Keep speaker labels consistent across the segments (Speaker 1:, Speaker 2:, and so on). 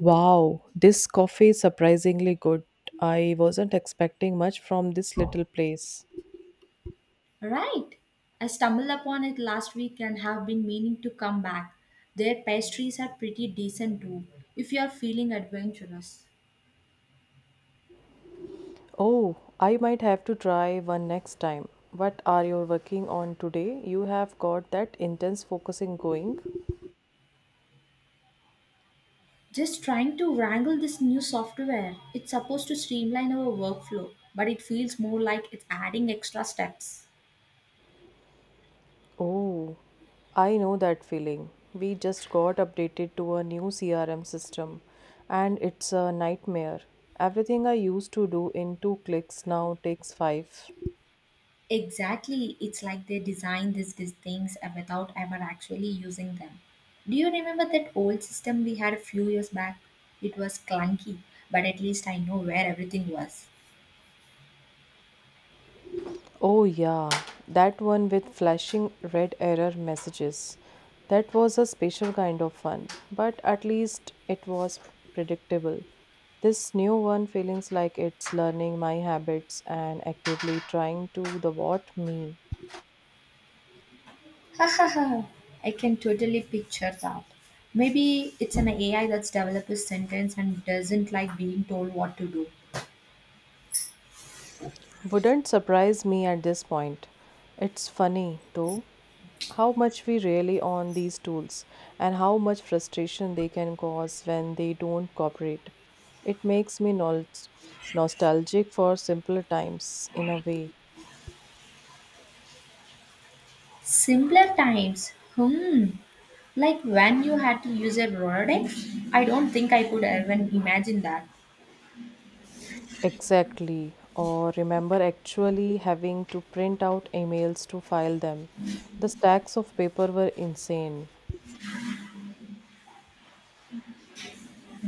Speaker 1: Wow, this coffee is surprisingly good. I wasn't expecting much from this little place.
Speaker 2: Right. I stumbled upon it last week and have been meaning to come back. Their pastries are pretty decent too, if you are feeling adventurous.
Speaker 1: Oh, I might have to try one next time. What are you working on today? You have got that intense focusing going.
Speaker 2: Just trying to wrangle this new software. It's supposed to streamline our workflow, but it feels more like it's adding extra steps.
Speaker 1: Oh, I know that feeling. We just got updated to a new CRM system and it's a nightmare. Everything I used to do in two clicks now takes five.
Speaker 2: Exactly. It's like they designed these things without ever actually using them. Do you remember that old system we had a few years back? It was clunky, but at least I know where everything was.
Speaker 1: Oh, yeah, that one with flashing red error messages. That was a special kind of fun, but at least it was predictable. This new one feels like it's learning my habits and actively trying to the what me.
Speaker 2: Haha, I can totally picture that. Maybe it's an AI that's developed a sentence and doesn't like being told what to do.
Speaker 1: Wouldn't surprise me at this point. It's funny, though, how much we rely on these tools and how much frustration they can cause when they don't cooperate. It makes me nostalgic for simpler times in a way.
Speaker 2: Simpler times, like when you had to use a Rolodex? I don't think I could even imagine that.
Speaker 1: Exactly. Or remember actually having to print out emails to file them. The stacks of paper were insane.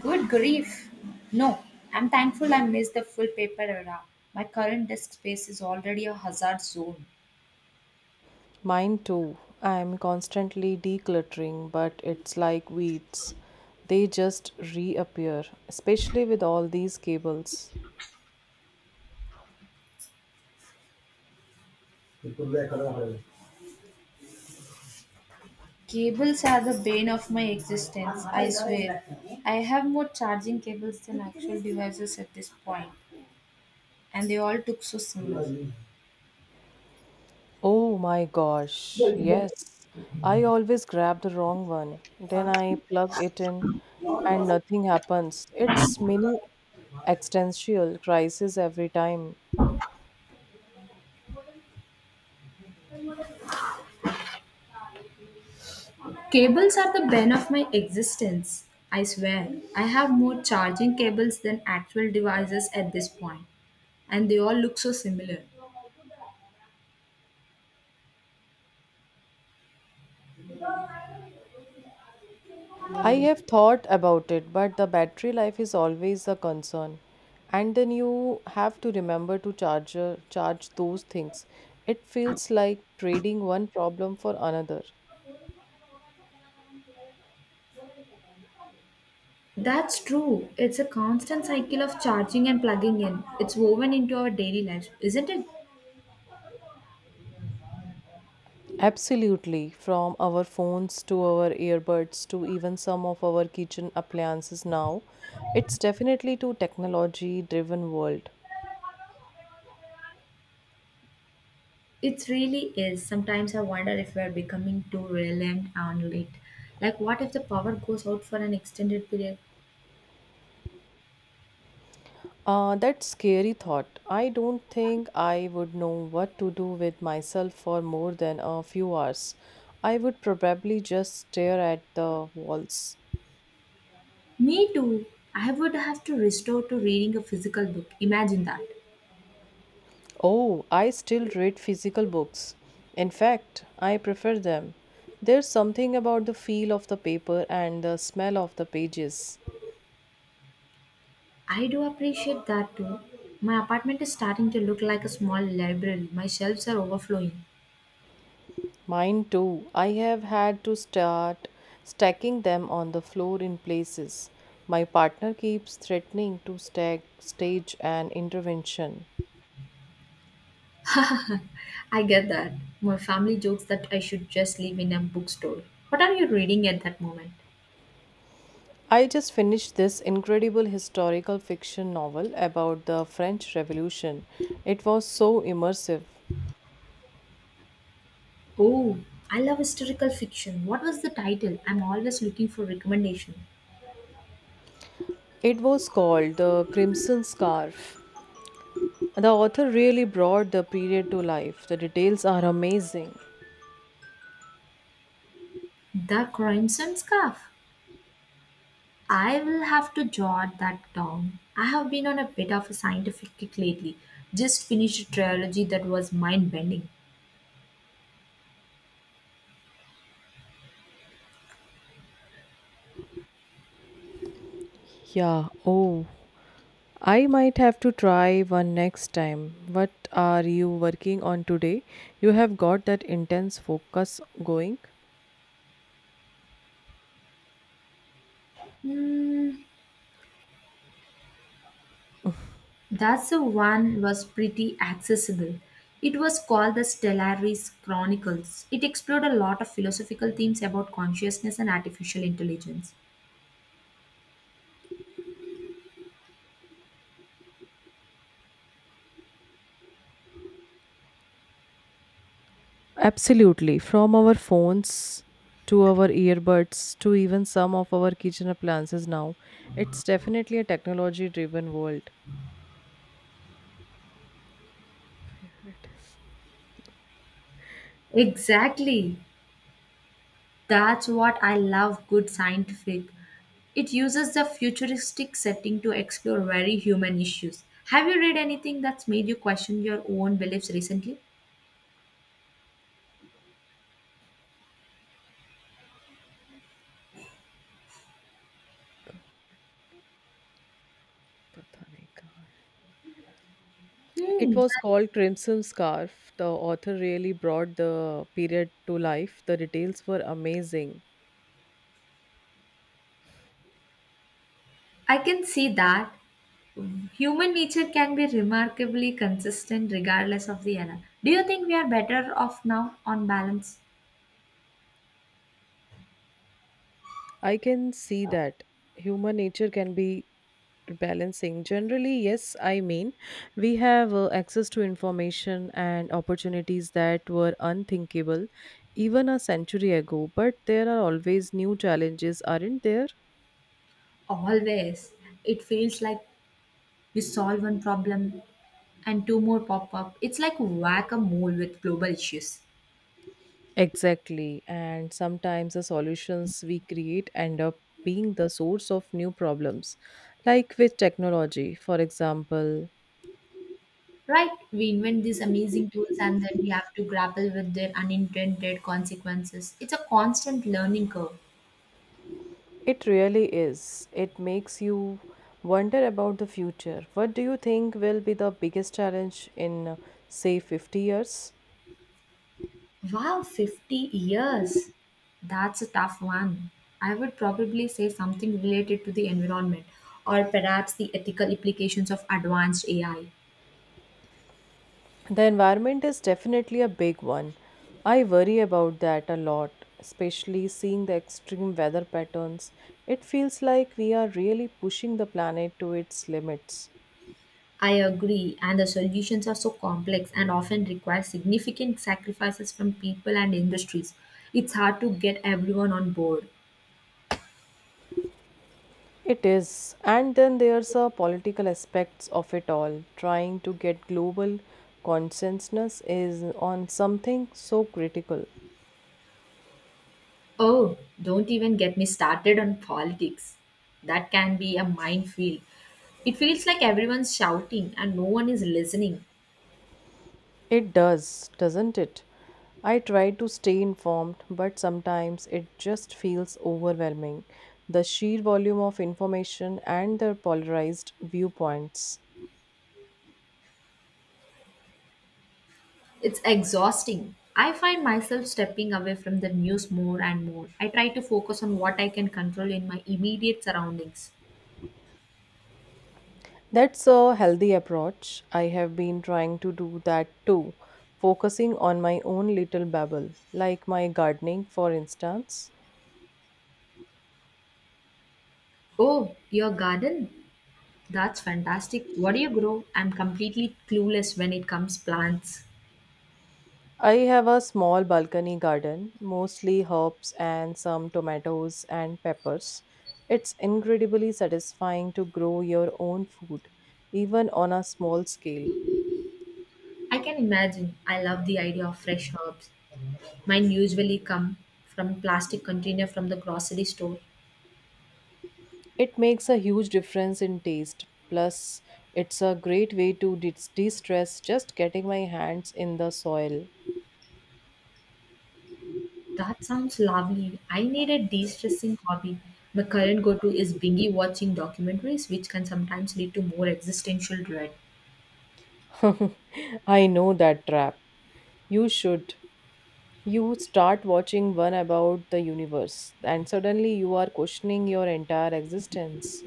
Speaker 2: Good grief. No, I'm thankful I missed the full paper era. My current disk space is already a hazard zone.
Speaker 1: Mine too. I'm constantly decluttering, but it's like weeds. They just reappear, especially with all these cables.
Speaker 2: Cables are the bane of my existence, I swear. I have more charging cables than actual devices at this point, and they all took so similar.
Speaker 1: Oh my gosh, yes. I always grab the wrong one. Then I plug it in and nothing happens. It's mini existential crisis every time.
Speaker 2: Cables are the bane of my existence. I swear, I have more charging cables than actual devices at this point, and they all look so similar.
Speaker 1: I have thought about it, but the battery life is always a concern. And then you have to remember to charge those things. It feels like trading one problem for another.
Speaker 2: That's true. It's a constant cycle of charging and plugging in. It's woven into our daily life, isn't it?
Speaker 1: Absolutely, from our phones to our earbuds to even some of our kitchen appliances now, it's definitely to technology driven world.
Speaker 2: It really is. Sometimes I wonder if we're becoming too reliant on it. Like, what if the power goes out for an extended period?
Speaker 1: That's scary thought. I don't think I would know what to do with myself for more than a few hours. I would probably just stare at the walls.
Speaker 2: Me too. I would have to restore to reading a physical book. Imagine that.
Speaker 1: Oh, I still read physical books. In fact, I prefer them. There's something about the feel of the paper and the smell of the pages.
Speaker 2: I do appreciate that too. My apartment is starting to look like a small library. My shelves are overflowing.
Speaker 1: Mine too. I have had to start stacking them on the floor in places. My partner keeps threatening to stage an intervention.
Speaker 2: I get that. My family jokes that I should just live in a bookstore. What are you reading at that moment?
Speaker 1: I just finished this incredible historical fiction novel about the French Revolution. It was so immersive.
Speaker 2: Oh, I love historical fiction. What was the title? I'm always looking for recommendation.
Speaker 1: It was called The Crimson Scarf. The author really brought the period to life. The details are amazing.
Speaker 2: The Crimson Scarf. I will have to jot that down. I have been on a bit of a scientific kick lately. Just finished a trilogy that was mind bending.
Speaker 1: Yeah, oh, I might have to try one next time. What are you working on today? You have got that intense focus going?
Speaker 2: Hmm, that's the one was pretty accessible. It was called the Stellaris Chronicles. It explored a lot of philosophical themes about consciousness and artificial intelligence.
Speaker 1: Absolutely. From our phones to our earbuds to even some of our kitchen appliances now, it's definitely a technology driven world. Where it is?
Speaker 2: Exactly. That's what I love good scientific. It uses the futuristic setting to explore very human issues. Have you read anything that's made you question your own beliefs recently?
Speaker 1: पता नहीं कहाँ है। It
Speaker 2: Hmm,
Speaker 1: was
Speaker 2: that-
Speaker 1: called Crimson Scarf. The author really brought the period to life. The details were amazing.
Speaker 2: I can see that. Human nature can be remarkably consistent regardless of the era. Do you think we are better off now on balance?
Speaker 1: I can see that human nature can be balancing, generally yes. I mean, we have access to information and opportunities that were unthinkable even a century ago, but there are always new challenges, aren't there?
Speaker 2: Always. It feels like we solve one problem and two more pop up. It's like whack a mole with global issues.
Speaker 1: Exactly, and sometimes the solutions we create end up being the source of new problems, like with technology, for example.
Speaker 2: Right? We invent these amazing tools and then we have to grapple with their unintended consequences. It's a constant learning curve.
Speaker 1: It really is. It makes you wonder about the future. What do you think will be the biggest challenge in, say, 50 years?
Speaker 2: Wow, 50 years. That's a tough one. I would probably say something related to the environment or perhaps the ethical implications of advanced AI.
Speaker 1: The environment is definitely a big one. I worry about that a lot, especially seeing the extreme weather patterns. It feels like we are really pushing the planet to its limits.
Speaker 2: I agree, and the solutions are so complex and often require significant sacrifices from people and industries. It's hard to get everyone on board.
Speaker 1: It is. And then there's a political aspects of it all. Trying to get global consensus is on something so critical.
Speaker 2: Oh, don't even get me started on politics. That can be a minefield. It feels like everyone's shouting and no one is listening.
Speaker 1: It does, doesn't it? I try to stay informed, but sometimes it just feels overwhelming. The sheer volume of information and the polarized viewpoints.
Speaker 2: It's exhausting. I find myself stepping away from the news more and more. I try to focus on what I can control in my immediate surroundings.
Speaker 1: That's a healthy approach. I have been trying to do that too, focusing on my own little bubble, like my gardening, for instance.
Speaker 2: Oh, your garden? That's fantastic. What do you grow? I'm completely clueless when it comes plants.
Speaker 1: I have a small balcony garden, mostly herbs and some tomatoes and peppers. It's incredibly satisfying to grow your own food, even on a small scale.
Speaker 2: I can imagine. I love the idea of fresh herbs. Mine usually come from plastic container from the grocery store.
Speaker 1: It makes a huge difference in taste. Plus, it's a great way to de stress just getting my hands in the soil.
Speaker 2: That sounds lovely. I need a de-stressing hobby. My current go-to is bingy watching documentaries, which can sometimes lead to more existential dread.
Speaker 1: I know that trap. You should. You start watching one about the universe, and suddenly you are questioning your entire existence.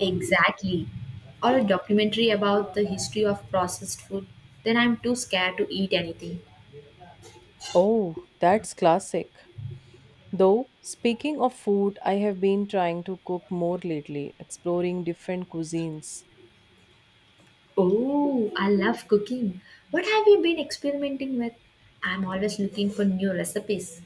Speaker 2: Exactly. Or a documentary about the history of processed food. Then I'm too scared to eat anything.
Speaker 1: Oh, that's classic. Though, speaking of food, I have been trying to cook more lately, exploring different cuisines.
Speaker 2: Oh, I love cooking. What have you been experimenting with? I'm always looking for new recipes.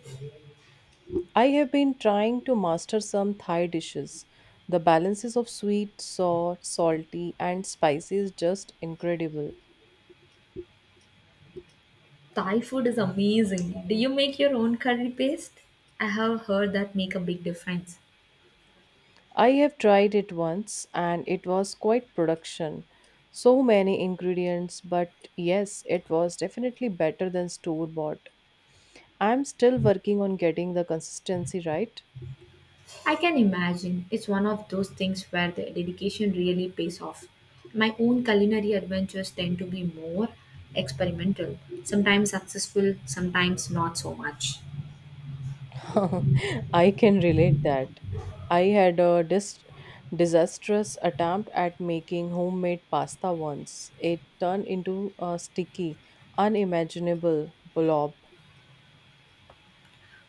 Speaker 1: I have been trying to master some Thai dishes. The balances of sweet, sour, salty, and spicy is just incredible.
Speaker 2: Thai food is amazing. Do you make your own curry paste? I have heard that make a big difference.
Speaker 1: I have tried it once and it was quite production. So many ingredients, but yes, it was definitely better than store bought. I'm still working on getting the consistency right.
Speaker 2: I can imagine it's one of those things where the dedication really pays off. My own culinary adventures tend to be more experimental, sometimes successful, sometimes not so much.
Speaker 1: I can relate that. I had a disastrous attempt at making homemade pasta once. It turned into a sticky, unimaginable blob.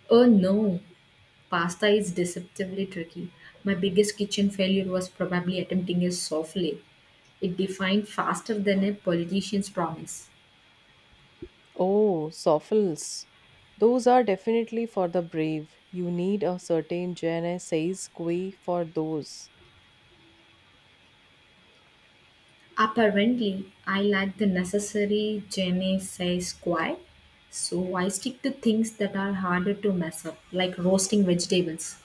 Speaker 2: Oh no, pasta is deceptively tricky. My biggest kitchen failure was probably attempting a souffle. It defined faster than a politician's promise.
Speaker 1: Oh, soffles. Those are definitely for the brave. You need a certain je ne sais quoi for those.
Speaker 2: Apparently, I lack the necessary je ne sais so I stick to things that are harder to mess up, like roasting vegetables.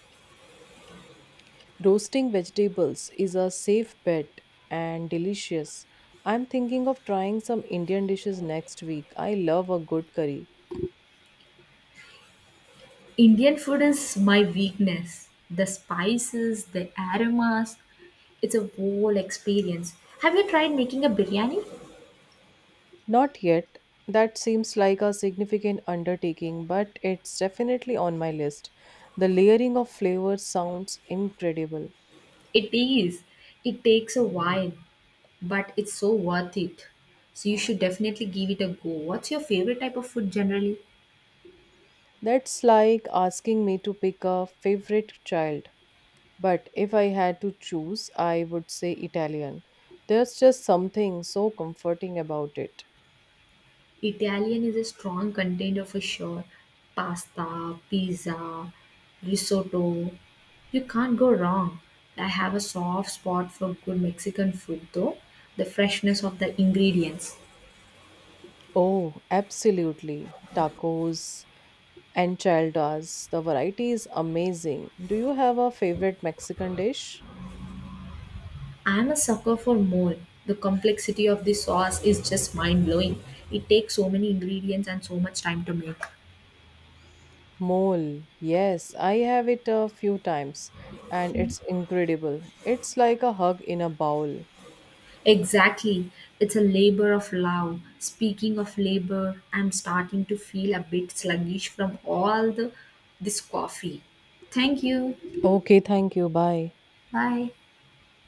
Speaker 1: Roasting vegetables is a safe bet and delicious. I'm thinking of trying some Indian dishes next week. I love a good curry.
Speaker 2: Indian food is my weakness. The spices, the aromas, it's a whole experience. Have you tried making a biryani?
Speaker 1: Not yet. That seems like a significant undertaking, but it's definitely on my list. The layering of flavors sounds incredible.
Speaker 2: It is. It takes a while, but it's so worth it. So you should definitely give it a go. What's your favorite type of food generally?
Speaker 1: That's like asking me to pick a favorite child. But if I had to choose, I would say Italian. There's just something so comforting about it.
Speaker 2: Italian is a strong contender for sure. Pasta, pizza, risotto. You can't go wrong. I have a soft spot for good Mexican food though, the freshness of the ingredients.
Speaker 1: Oh, absolutely. Tacos, enchiladas, the variety is amazing. Do you have a favorite Mexican dish?
Speaker 2: I'm a sucker for mole. The complexity of the sauce is just mind blowing. It takes so many ingredients and so much time to make.
Speaker 1: Mole. Yes, I have it a few times and it's incredible. It's like a hug in a bowl.
Speaker 2: Exactly. It's a labor of love. Speaking of labor, I'm starting to feel a bit sluggish from all the this coffee. Thank you.
Speaker 1: Okay, thank you. Bye.
Speaker 2: Bye.